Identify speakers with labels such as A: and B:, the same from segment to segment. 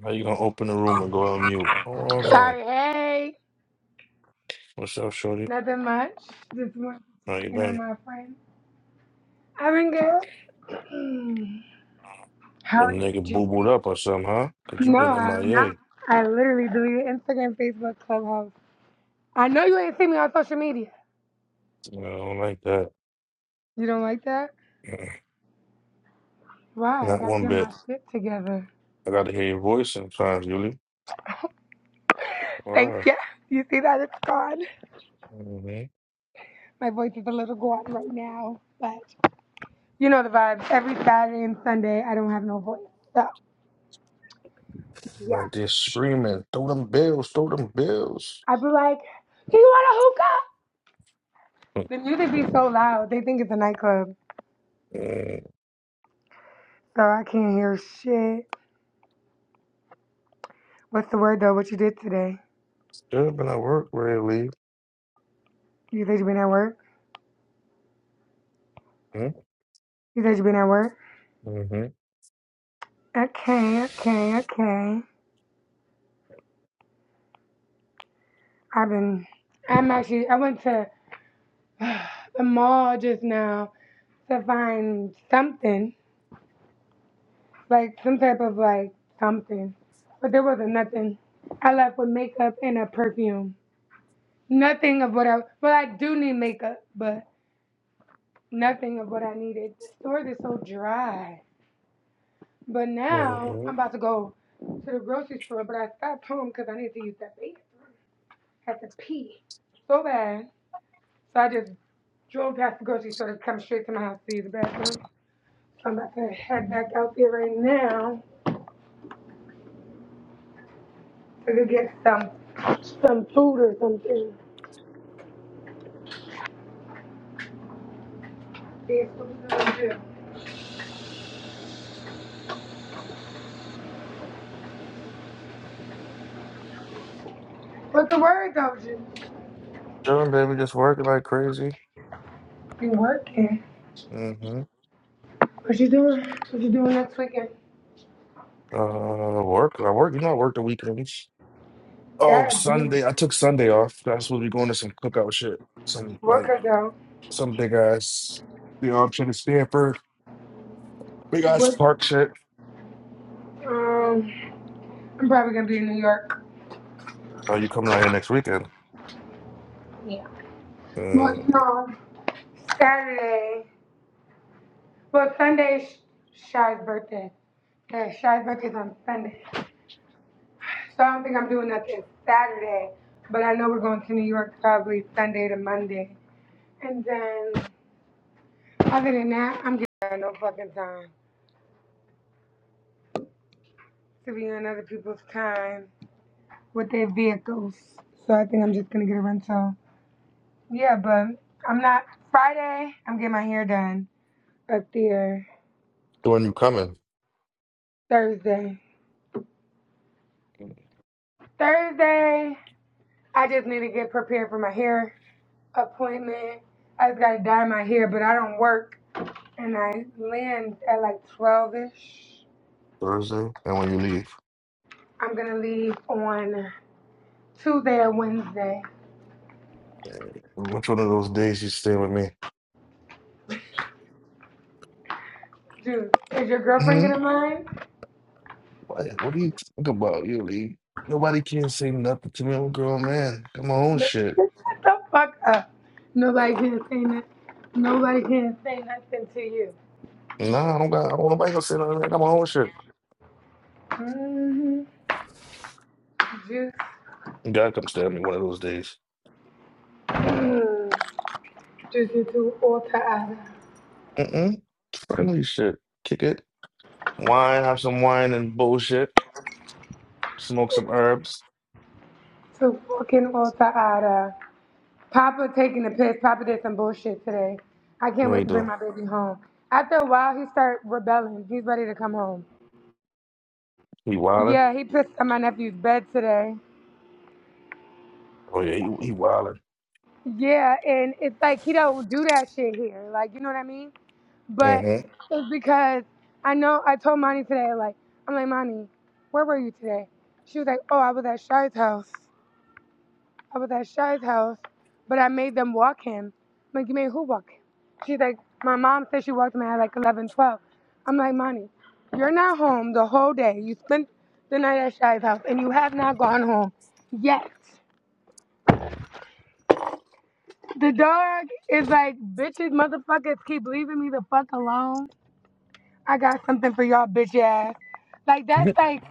A: How you gonna open the room and go on mute? Oh, I'm going.
B: Sorry, hey.
A: What's up, shorty?
B: Nothing much. Just was
A: How you
B: working on
A: been?
B: my friend. I've been good. How
A: The
B: are you,
A: nigga boo booed
B: Juicy?
A: up or something, huh? Cause you
B: No,
A: been MIA. I
B: I'm
A: A.
B: not. I literally deleted Instagram, Facebook, Clubhouse. I know you ain't seen me on social media.
A: I don't like that.
B: You don't like that?
A: Mm,
B: Why? I
A: Not
B: gotta
A: one
B: get my
A: bit.
B: shit together.
A: I gotta hear your voice sometimes, Yuli.
B: Thank
A: Wow.
B: you. You see that? It's gone.
A: Mm-hmm.
B: My voice is a little gone right now, but you know the vibes. Every Saturday and Sunday, I don't have no voice. So, yeah.
A: Like they're screaming, throw them bills, throw them bills.
B: I'd be like, do you want a hookah? The music be so loud. They think it's a nightclub.
A: Mm-hmm.
B: So I can't hear shit. What's the word though? What you did today?
A: Should been at work really.
B: You said you been at work?
A: Mm-hmm.
B: You said you been at work?
A: Mm-hmm.
B: Okay, okay, okay. I've been I'm actually I went to the mall just now to find something. Like some type of like something. But there wasn't nothing. I left with makeup and a perfume. Nothing of what I well I do need makeup, but nothing of what I needed. The store is so dry. But now
A: Mm-hmm.
B: I'm about to go to the grocery store, but I stopped home because I needed to use that bathroom. I had to pee so bad. So I just drove past the grocery store to come straight to my house to use the bathroom. So I'm about to head back out there right now to go get some some food or something. That's what we're gonna do. What's the word though, Jim?
A: Chilling, baby, just working like crazy.
B: Be working.
A: Mm-hmm.
B: What you doing? What you doing next weekend?
A: Uh, work. I work. You know, I work the weekends. Oh,
B: God damn.
A: Sunday. I took Sunday off. I was supposed to be going to some cookout shit. Some
B: Work
A: like
B: her though.
A: some big ass you know, I'm Stanford. Big ass
B: Work.
A: park shit.
B: Um, I'm probably gonna be in New York.
A: Are you coming out here next weekend?
B: Well,
A: Uh,
B: no. Saturday. Well, Sunday is Shy's birthday. Yeah, Shy's birthday's on Sunday. So I don't think I'm doing nothing Saturday. But I know we're going to New York probably Sunday to Monday. And then other than that, I'm getting no fucking time to be on other people's time with their vehicles. So I think I'm just gonna get a rental. Yeah, but I'm not Friday, I'm getting my hair done up there.
A: so when you coming?
B: Thursday. Thursday I just need to get prepared for my hair appointment. I just got to dye my hair, but I don't work. And I land at like 12 ish.
A: Thursday? And when you leave?
B: I'm going to leave on Tuesday or Wednesday.
A: Which one of those days you stay with me?
B: Dude, is your girlfriend
A: hmm
B: going to mind?
A: What, what do you think about you leave? Nobody can't say nothing to me. I'm a grown man. Got my own
B: Shut
A: shit.
B: the fuck up. Nobody can say nothing. Nobody can say nothing to you.
A: Nah, I don't got I don't nobody gonna say nothing. I got my own shit.
B: Mm-hmm. Juice.
A: You gotta come stay with me one of those days.
B: Mm. Juicy to alter ada.
A: Mm-mm. Friendly shit. Kick it. Wine, have some wine and bullshit. Smoke some herbs.
B: To fucking alter ada. Papa taking a piss. Papa did some bullshit today. I can't
A: What he
B: wait to bring
A: do?
B: my baby home. After a while, he started rebelling. He's ready to come home.
A: He wildin'.
B: Yeah, he pissed on my nephew's bed today.
A: Oh yeah, he, he wildin'.
B: Yeah, and it's like he don't do that shit here. Like, you know what I mean? But
A: Mm-hmm.
B: it's because I know I told Monty today, like, I'm like, Monty, where were you today? She was like, oh, I was at Shy's house. I was at Shy's house, but I made them walk him. I'm like, you made who walk him? She's like, my mom said she walked him at like 11, 12. I'm like, Monty, you're not home the whole day. You spent the night at Shy's house, and you have not gone home yet. The dog is like, bitches, motherfuckers, keep leaving me the fuck alone. I got something for y'all, bitch ass. Like, that's like,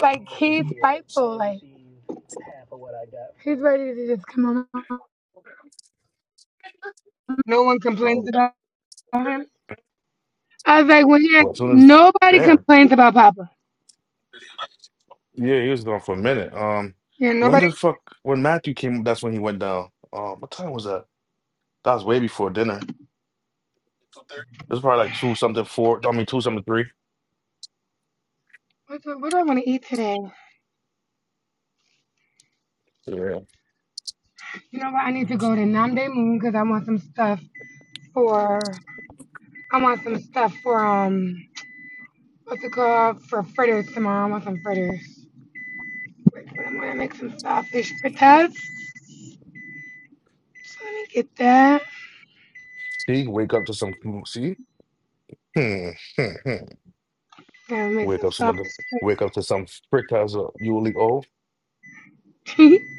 B: like, he's spiteful. Like, he's ready to just come on. No one complains
A: Well,
B: about him. I was like, when you're,
A: well, as soon as
B: nobody
A: damn.
B: complains about Papa.
A: Yeah, he was gone for a minute. Um,
B: Yeah,
A: when
B: nobody.
A: the fuck when Matthew came, that's when he went down. Um, what time was that? That was way before dinner. It was probably like two something four. I mean two something three.
B: What do, what do I want to eat today?
A: Yeah.
B: You know what? I need to go to Namde Moon because I want some stuff for. I want some stuff for um. What's it called? For fritters tomorrow. I want some fritters. Wait, I'm gonna make some sausage fritters. So let me get that.
A: See, wake up to some. See, hmm, hmm, hmm.
B: Gonna make
A: wake
B: some
A: up
B: sausage
A: some. Wake up to some prick as a you leave. Oh,
B: fritters.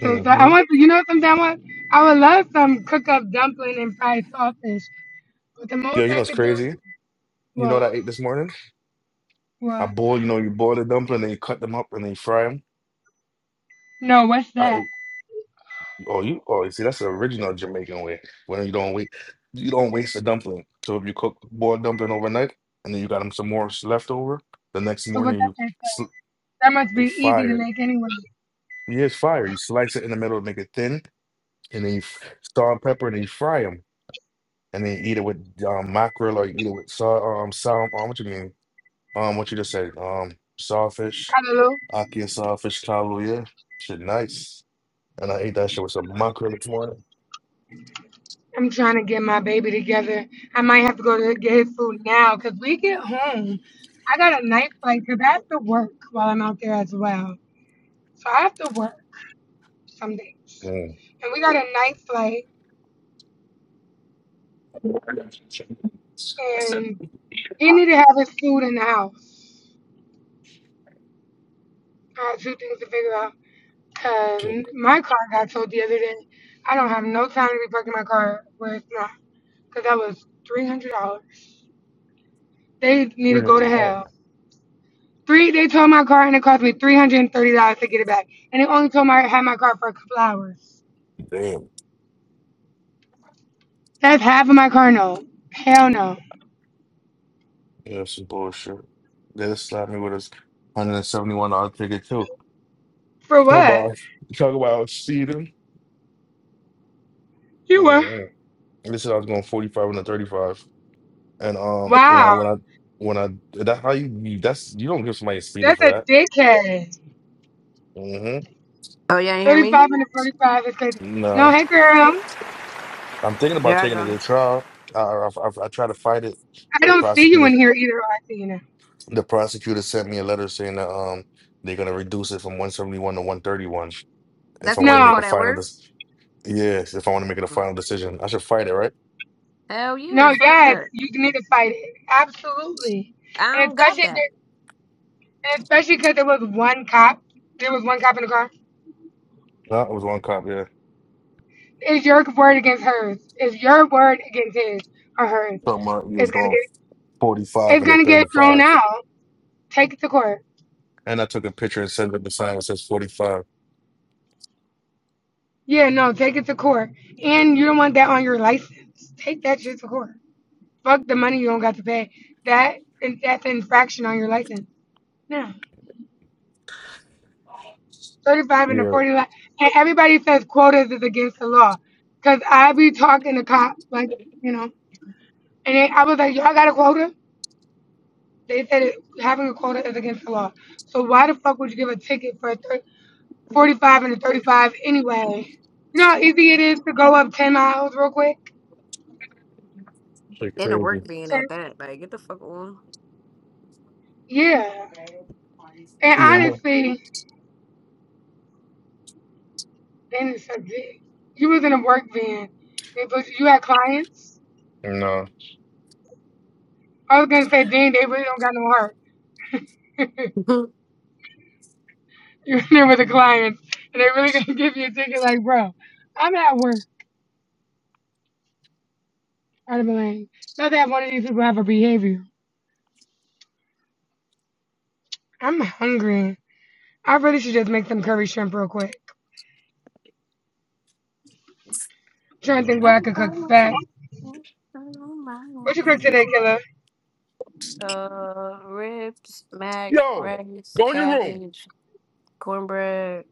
B: Some sa- I want. You know something I want? I would love some cook up dumpling and fried sausage. But the
A: Yo,
B: most
A: you
B: I
A: know it's
B: could do
A: crazy. You know what
B: what?
A: I ate this morning? I
B: What?
A: boil, you know, you boil the dumpling, then you cut them up and then you fry them.
B: No, what's
A: I
B: that?
A: ate, oh, you, oh, you see, that's the original Jamaican way. When you don't wait, you don't waste a dumpling. So if you cook boiled dumpling overnight and then you got them some more s- left over, the next
B: So what
A: morning
B: that
A: you
B: just
A: sl-
B: that must
A: uh,
B: be easy to
A: fire.
B: make anyway.
A: Yeah, it's fire. You slice it in the middle, make it thin, and then you f- salt and pepper, and then you fry them, and then you eat it with um, mackerel or you eat it with saw, um, salmon. Um, what you mean? Um, what you just said, um, sawfish,
B: Hallelujah.
A: aki and sawfish kaluuya, shit nice. And I ate that shit with some mackerel this morning.
B: I'm trying to get my baby together. I might have to go to get his food now because we get home. I got a night flight because I have to work while I'm out there as well. So I have to work some days.
A: Mm.
B: And we got a night flight
A: Shit,
B: and he need to have his food in the house. I had two things to figure out. Cause my car got towed the other day. I don't have no time to be parking my car where it's not. Cause that was three hundred dollars. They need to go
A: Really,
B: to
A: oh,
B: hell. Three, they towed my car and it cost me three hundred and thirty dollars to get it back. And they only towed my had my car for a couple hours.
A: damn.
B: That's half of my car note. Hell no.
A: Yeah, that's some bullshit. They just slapped me with a hundred and seventy-one dollar ticket too.
B: For
A: Talk
B: what?
A: about talk about seating.
B: You were.
A: Mm-hmm. They said I was going forty-five and a thirty-five, and um, when I
B: Wow,
A: when I when I that how you you- that's you don't give somebody a seating
B: that's
A: for
B: a
A: that.
B: dickhead.
A: Mm-hmm.
C: Oh, you ain't hear me?
B: Thirty-five and a forty-five is crazy.
A: Nah.
B: No, hey girl,
A: I'm thinking about
C: Yeah, I
A: taking it
C: know.
A: to trial. I, I, I, I try to fight it.
B: I
A: The
B: don't see you
A: prosecutor,
B: in here either. Oh, I see you now.
A: the prosecutor sent me a letter saying that um they're gonna reduce it from 171 to 131. If
C: That's
A: I
C: the one
A: want
C: you
A: to make
C: call
A: a
B: No.
C: that
A: final,
C: word?
A: dis- yes, if I want to make it a
C: Oh.
A: final decision, I should fight it, right?
C: Hell yeah,
B: No,
C: fuck
B: yes,
C: that.
B: you need to fight it. Absolutely.
C: I
B: And
C: don't got
B: especially if
C: that.
B: there, and especially because there was one cop. There was one cop in the car.
A: No, it was one cop. Yeah,
B: It's your word against hers. It's your word against his or hers.
A: something like he
B: It's gonna
A: was going
B: get
A: 45
B: it's
A: and a
B: gonna get thrown
A: 35,
B: out. Take it to court.
A: and I took a picture and sent it the sign that says 45.
B: Yeah, no, take it to court. And you don't want that on your license. Take that shit to court. Fuck the money you don't got to pay. That and that's an infraction on your license. No. 35 and a
A: Yeah,
B: 40 And everybody says quotas is against the law. Because I be talking to cops, like, you know, and they, I was like, y'all got a quota? They said it, having a quota is against the law. So why the fuck would you give a ticket for a thir- 45 and a 35 anyway? You know how easy it is to go up 10 miles real quick?
A: like
C: In the
A: crazy.
C: work being
B: So,
C: at that. Like, get the fuck on.
B: yeah. And
A: Yeah, no,
B: honestly, then it's a dick. You was in a work van. They put you, you had clients.
A: no.
B: I was going to say, dang, they really don't got no heart.
C: Mhm.
B: You are with the clients, and they're really gonna give you a ticket. Like, bro, I'm at work. I'd be like, not that one of these people have a behavior. I'm hungry. I really should just make some curry shrimp real quick. I'm trying to think what I
C: Every
B: could cook
C: time I see
B: fast.
C: you, I know my
B: What you cook today,
C: name.
B: killer?
C: Uh, ribs, mac,
A: Yo,
C: rice,
A: go in your room.
C: cabbage, cornbread,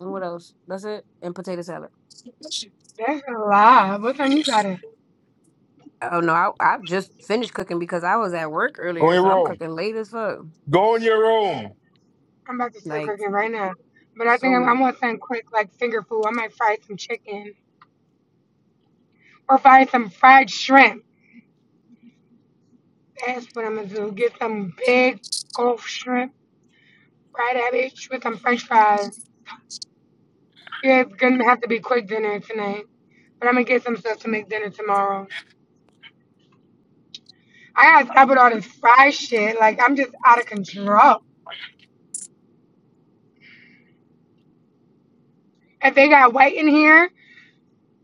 C: and what else? That's it. And potato salad.
B: That's a lot. What time you got it?
C: Oh no, I I just finished cooking because I was at work
A: Go
C: earlier,
A: in your
C: so I'm
A: room.
C: cooking late as fuck.
A: Go in your room.
B: I'm about to start
C: Like
B: cooking right now. But I
C: so
B: think I'm, I'm
C: late.
B: gonna something quick, like finger food. I might fry some chicken or fry some fried shrimp. That's what I'm gonna do. Get some big gulf shrimp, fry that bitch with some French fries. Yeah, it's gonna have to be quick dinner tonight. But I'm gonna get some stuff to make dinner tomorrow. I gotta stop with all this fried shit. Like I'm just out of control. If they got white in here,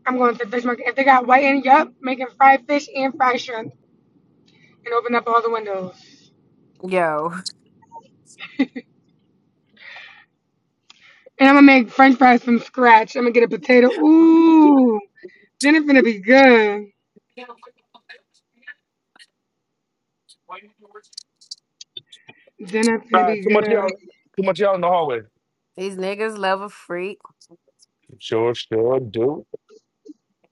B: I'm going to the fish market. If they got white in, yup, making fried fish and fried shrimp, and open up all the windows.
C: Yo.
B: And I'm gonna make French fries from scratch. I'm gonna get a potato. Ooh, dinner finna be good. Dinner finna be
A: God, too much of
B: good.
A: y'all, too much of y'all in the hallway.
C: These niggas love a freak.
A: Sure, sure, do.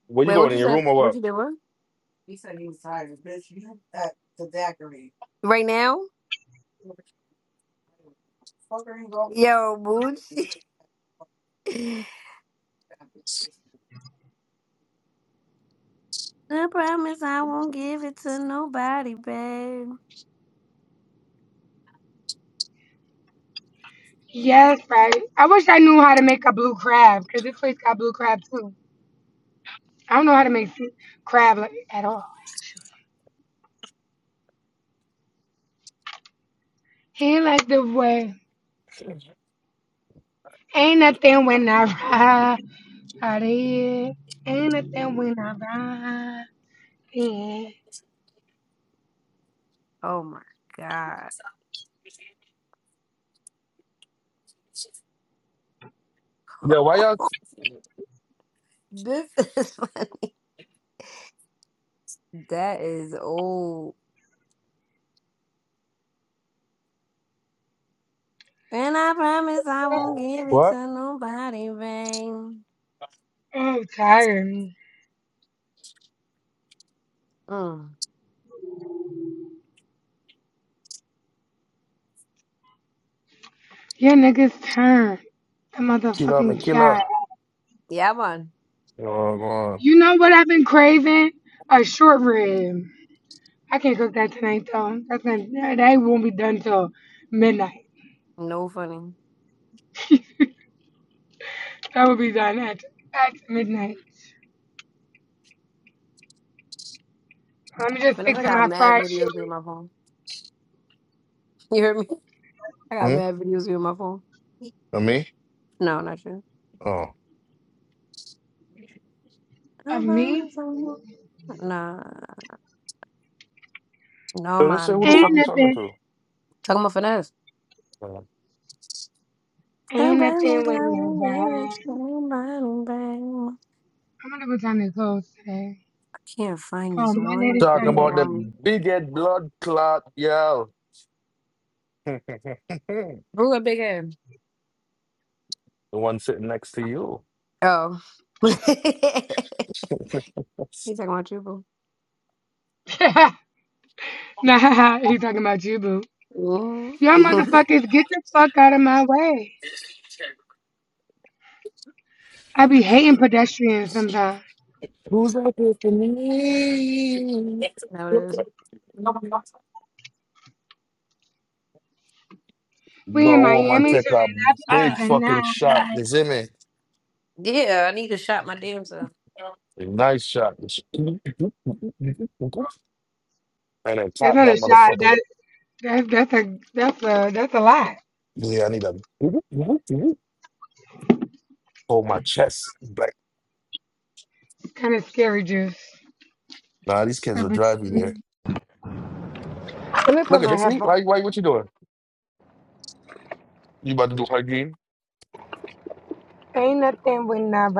A: Where you
C: Wait, what
A: going in
C: you
A: your
C: say?
A: room or
C: What
A: what?
C: you doing He he said he was tired, bitch. you have that the daiquiri right now? Yo, Boochie. I promise I won't give it to nobody, babe.
B: Yes, right. I wish I knew how to make a blue crab because this place got blue crab too. I don't know how to make crab like at all. actually. He like the way. Ain't nothing when I ride out of here. Ain't nothing when I ride in.
C: Oh my god.
A: Yeah, why y'all?
C: This is funny. That is old. And I promise I won't
B: Oh,
C: give it
A: What?
C: to nobody, babe.
B: I'm tired.
C: Mm.
B: Your niggas turn. The
A: Kila, me
B: motherfucking
A: kila.
B: cat.
C: Yeah, man.
A: You know what I'm going?
B: You know what I've been craving? A short rib. I can't cook that tonight though. That's gonna, that won't be done till midnight.
C: No funny.
B: That will be done at, at midnight. Let me just stick
C: Vanessa I
B: to
C: got
B: my
C: mad
B: fried
C: videos in
B: shit
C: my phone. You hear me? I got
A: Hmm?
C: mad videos in my phone.
A: And me?
C: No, not you.
A: Oh.
B: of
C: I'm promise
B: me.
C: I will Nah, no
A: So just say who
C: man.
A: the
B: Ain't
A: fuck you talking
B: nothing.
A: to?
C: Talking about finesse.
A: Uh,
C: I'm
B: Ain't nothing
C: promise
B: when
C: I
B: I
C: won't let
B: ride.
C: you
B: I'm gonna put on their clothes today.
C: I can't find
B: Oh,
C: this
B: my daddy's
C: one
A: Talking
C: video
B: Sunday.
A: about the
C: on
A: bigot blood clot, y'all. the
C: Boo a big head.
A: one sitting next to you.
C: Oh. he talking about you, boo.
B: nah, he talking about you, boo.
C: Mm.
B: Y'all motherfuckers, get the fuck out of my way. I be hating pedestrians sometimes.
A: Who's out there for me?
C: that it is.
A: The
B: We in
A: woman
B: Miami
A: take
B: so
A: a big
C: Ah,
B: they're not to do the
A: fucking shot.
C: ah.
A: You
B: nine.
A: see me?
C: Yeah, I need to shot my damn self.
A: Nice shot. And then
B: That's
A: clap
B: not
A: that
B: a shot. That,
A: motherfucker.
B: that, that's a that's a that's a lot.
A: Yeah, I need a hold my chest. Black.
B: Kind of scary, juice.
A: Nah, these kids will drive you there.
B: Let me
A: Look
B: put
A: at
B: my
A: this me.
B: headphones.
A: Why, why what you doing? You about to do hard game?
B: Ain't nothing with nobody.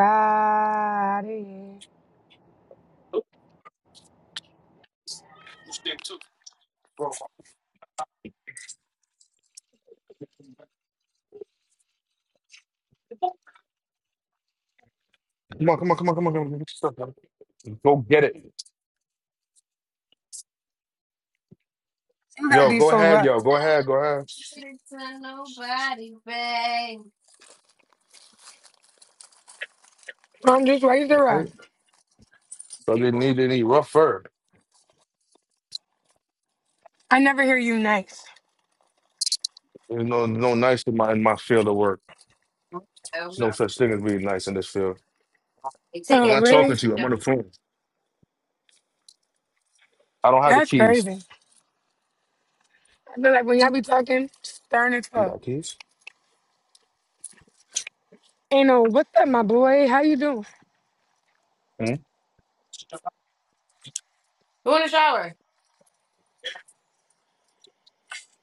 A: Come on, come on, come on, come on, come on. Get your stuff, man. Go get it.
B: You gotta
A: Yo,
C: I
B: be
A: go
B: so
A: ahead,
B: rough.
A: yo, go ahead, go ahead.
C: it to nobody, babe.
B: Mom, just raise the
A: Hurry.
B: rough.
A: So I didn't need any rough fur.
B: I never hear you nice.
A: There's no no nice in my in my field of work.
C: Oh
A: There's no
C: no,
A: such thing as being nice in this field.
C: they take
A: I'm
B: Oh,
A: not talking
B: really?
A: to
C: advantage
A: you. I'm
C: of
A: on the
C: me.
A: phone. I don't have the
B: That's
A: keys.
B: crazy. I feel like when y'all be talking, stern as
A: You
B: fuck.
A: got keys?
B: Ain't no, what's up, my boy? How you doing?
C: Go in the shower.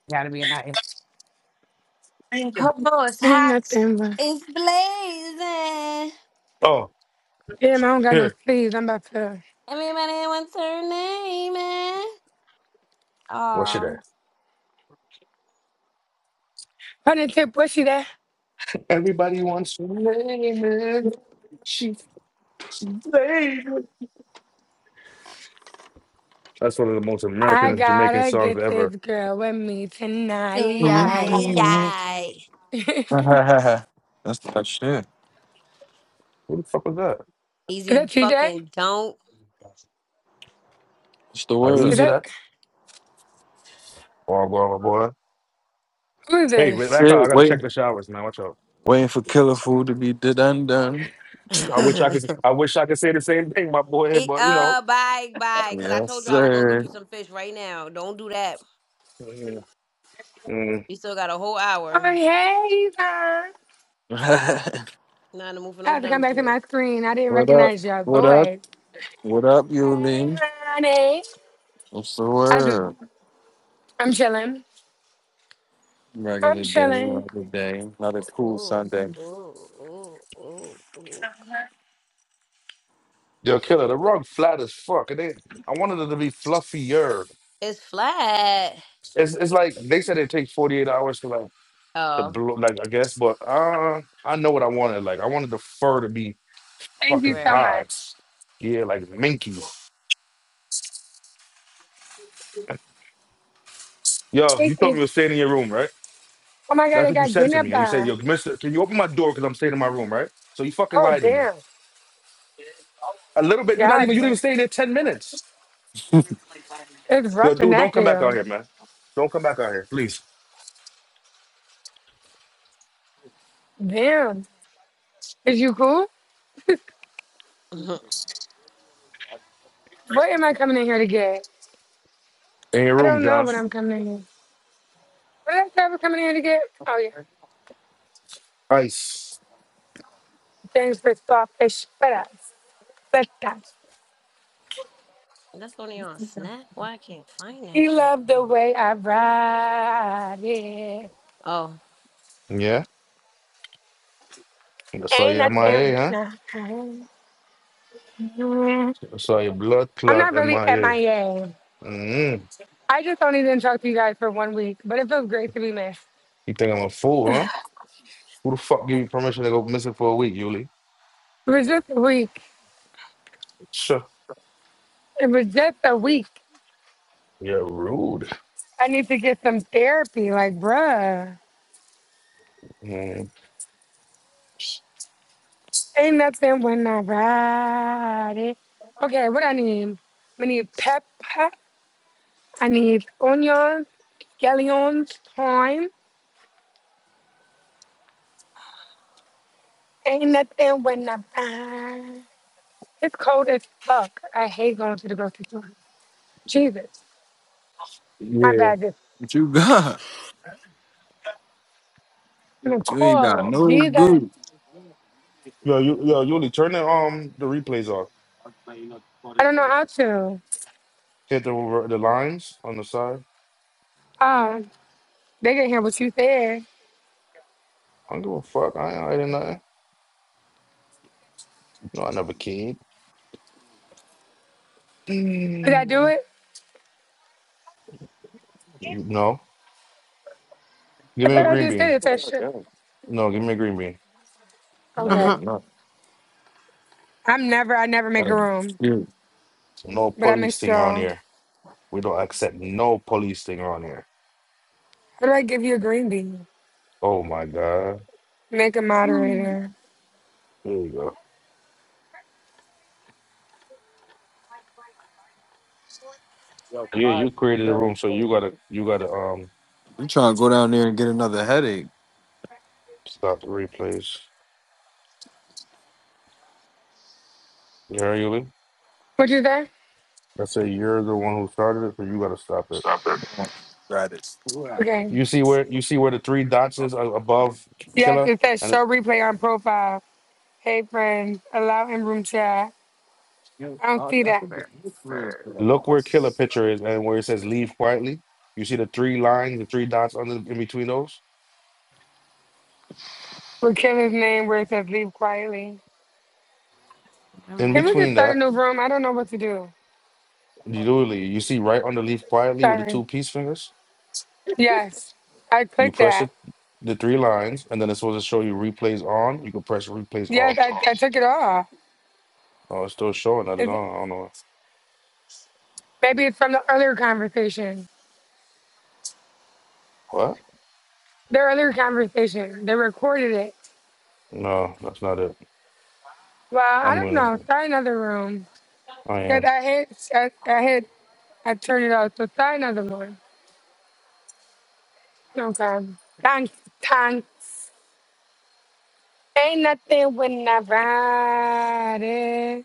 C: Gotta be a nice.
A: singing.
C: Oh, boy, it's
B: Ain't
C: hot.
B: nothing, but
C: It's blazing.
A: Oh,
B: damn, I don't got no
A: here.
B: sleeves. I'm about to
C: Everybody wants her name, man.
A: What's your
C: Oh,
A: name?
B: put it tip bushy there.
A: Everybody wants to name it. She, she baby. That's one of the most American
B: I
A: Jamaican
B: gotta
A: songs
B: get
A: ever.
B: this girl with me tonight.
C: tonight,
D: Mhm.
C: yay.
B: is
D: That's good.
A: Who the fuck was that?
C: Easy
B: that TJ?
C: fucking don't.
A: How
B: Is
A: easy
B: that
A: that? Oh, boy, boy.
B: who is
A: Hey,
D: That's
B: this?
A: Rebecca, I
D: it.
A: gotta check
D: Waiting,
A: the showers, man. Watch out.
D: waiting for killer food to be done done.
C: Eat,
A: I wish I could. I wish I could say the same thing, my boy. But you know,
C: uh, bye, bye. Cause I
D: Yes,
C: told you I will go get
D: sir.
C: you some fish right now. Don't do that.
A: mm, mm.
C: You still got a whole
B: Oh,
C: hour.
B: hey, Yvonne.
C: Not in the mood for
B: I
C: no
B: have to come
C: dumb
B: back to
C: shit.
B: my screen. I didn't
D: what up?
B: recognize your
D: What up?
B: voice.
D: What up, Yuli?
B: Hey, honey.
D: What's the
B: I just,
D: word?
B: I'm chilling. I'm
D: Regular day, regular
B: chilling.
D: day. Another cool
C: Ooh,
D: Sunday.
C: ooh, ooh, ooh, ooh.
A: yo, killer. The rug flat as fuck. And they, I wanted it to be fluffier.
C: It's flat.
A: It's, it's like they said it takes forty eight hours to like. the
C: Oh,
A: blow, like I guess, but uh, I know what I wanted. Like I wanted the fur to be
B: Thank you
A: fucking
B: so
C: right.
A: high.
B: much.
A: Yeah, like minky. Yo,
B: Thank
A: you told me
B: you.
A: you were staying in your room, right?
B: Oh my God,
A: That's
B: I
A: what you
B: got
A: said
B: getting
A: to
B: up
A: me. And you said,
B: there.
A: yo, mister, can you open my door because I'm staying in my room, right? So you fucking
B: Oh,
A: lied to me.
B: damn.
A: A little bit, you're not even,
B: God,
A: you didn't
B: damn.
A: even stay there 10 minutes.
B: it's
A: Yo,
B: rough in
A: dude, don't
B: that
A: come back out
B: field.
A: here, man. Don't come back out here, please.
B: Damn. Is you cool?
C: That's
B: What am I coming in here to get?
A: In your
B: I
A: room,
B: don't know
A: John.
B: what I'm coming in here. What did I say I was coming in here to get? Oh, yeah.
A: Ice.
B: thanks for sawfish but us. But that.
C: only on Snap. Why I can't find that
B: He
C: shit?
B: loved the way I ride it.
C: Oh.
A: Yeah? That's why
B: Ain't
A: you're
B: nothing
A: MIA, huh?
B: when I
A: That's why your blood
B: I'm
A: clot
B: not really MIA.
A: MIA.
B: I A.
A: Mm-hmm.
B: I just only didn't talk to you guys for one week, but it feels great to be missed.
A: You think I'm a fool, huh? Who the fuck give you permission to go missing for a week, Yuli?
B: It was just a week.
A: Sure.
B: It was just a week.
A: You're rude.
B: I need to get some therapy. Like, bruh,
A: Man.
B: ain't nothing when I ride it. Okay, what I need? I need pepper. I need onions, scallions, thyme. Ain't nothing when I ride. It's cold as fuck. I hate going to the grocery store. Jesus, my
A: Yeah.
B: bad. Just
D: What you got?
B: I'm gonna
D: You ain't got
B: call
D: no
B: Jesus.
D: good.
A: Yo, you, yo, Yuli, turn the um the replays off.
B: I don't know how to.
A: Hit the re- the lines on the side.
B: Um, they can hear what you said.
A: I don't give a fuck. I ain't hiding nothing. No, I never kid.
B: Did I do
A: Mm.
B: it?
A: No. Give
B: I
A: me a
B: thought I
D: Oh,
A: green
B: just did
A: bean.
B: it. That shit.
A: No, give me a green bean.
B: Okay.
C: Uh-huh.
D: nothing. Nothing.
B: I'm never, I never make a room,
D: You
A: No
B: but I
A: police
B: missed
A: thing around
B: y'all.
A: here. We don't accept no police thing around here.
B: How do I give you a green bean?
A: Oh my god.
B: Make a
C: Hmm.
B: moderator.
A: There you go. Yeah, you created a room, so you gotta you gotta um
D: trying to go down there and get another headache?
A: stop the replays. You heard Yuli?
B: What you say?
A: I said you're the one who started it, so you gotta stop it.
D: Stop it. Right.
B: Okay.
A: You see where you see where the three dots is a- above
B: Yes,
A: Killer,
B: it says
A: and
B: show replay on profile. Hey, friends, allow in room chat.
D: You
B: I don't
D: I,
B: see
D: I
B: that.
D: think it's lip rib.
C: Prefer.
D: though.
A: look where Killer picture is, and where it says "Leave quietly." You see the three lines, the three dots under in between those.
B: We're Kevin's name where it says leave quietly.
A: In
B: Can we
C: Remember.
B: just
A: between
B: start a
A: that,
B: new room? I don't know what to do.
A: Yuli, you see right under "Leave quietly" with the
B: Sorry.
A: two peace fingers.
B: Yes, I
A: You
B: clicked
A: press
B: that.
A: it, the three lines, and then it's supposed to show you replays on. You can press replays
B: Yes,
A: off.
B: I, I took it off.
A: Oh, it's still showing that it's
B: Is- it-
A: on. I don't know
B: maybe it's from the earlier conversation.
A: what.
B: The earlier conversation, they recorded it.
A: No, that's not it.
B: Well, I
A: I'm
B: don't
A: gonna.
B: know. Start another room.
A: I
B: Cause
A: am.
B: I hit, I, I hit, I turned it off. So start another one. Okay. Thanks, thanks. Ain't nothing when I ride it.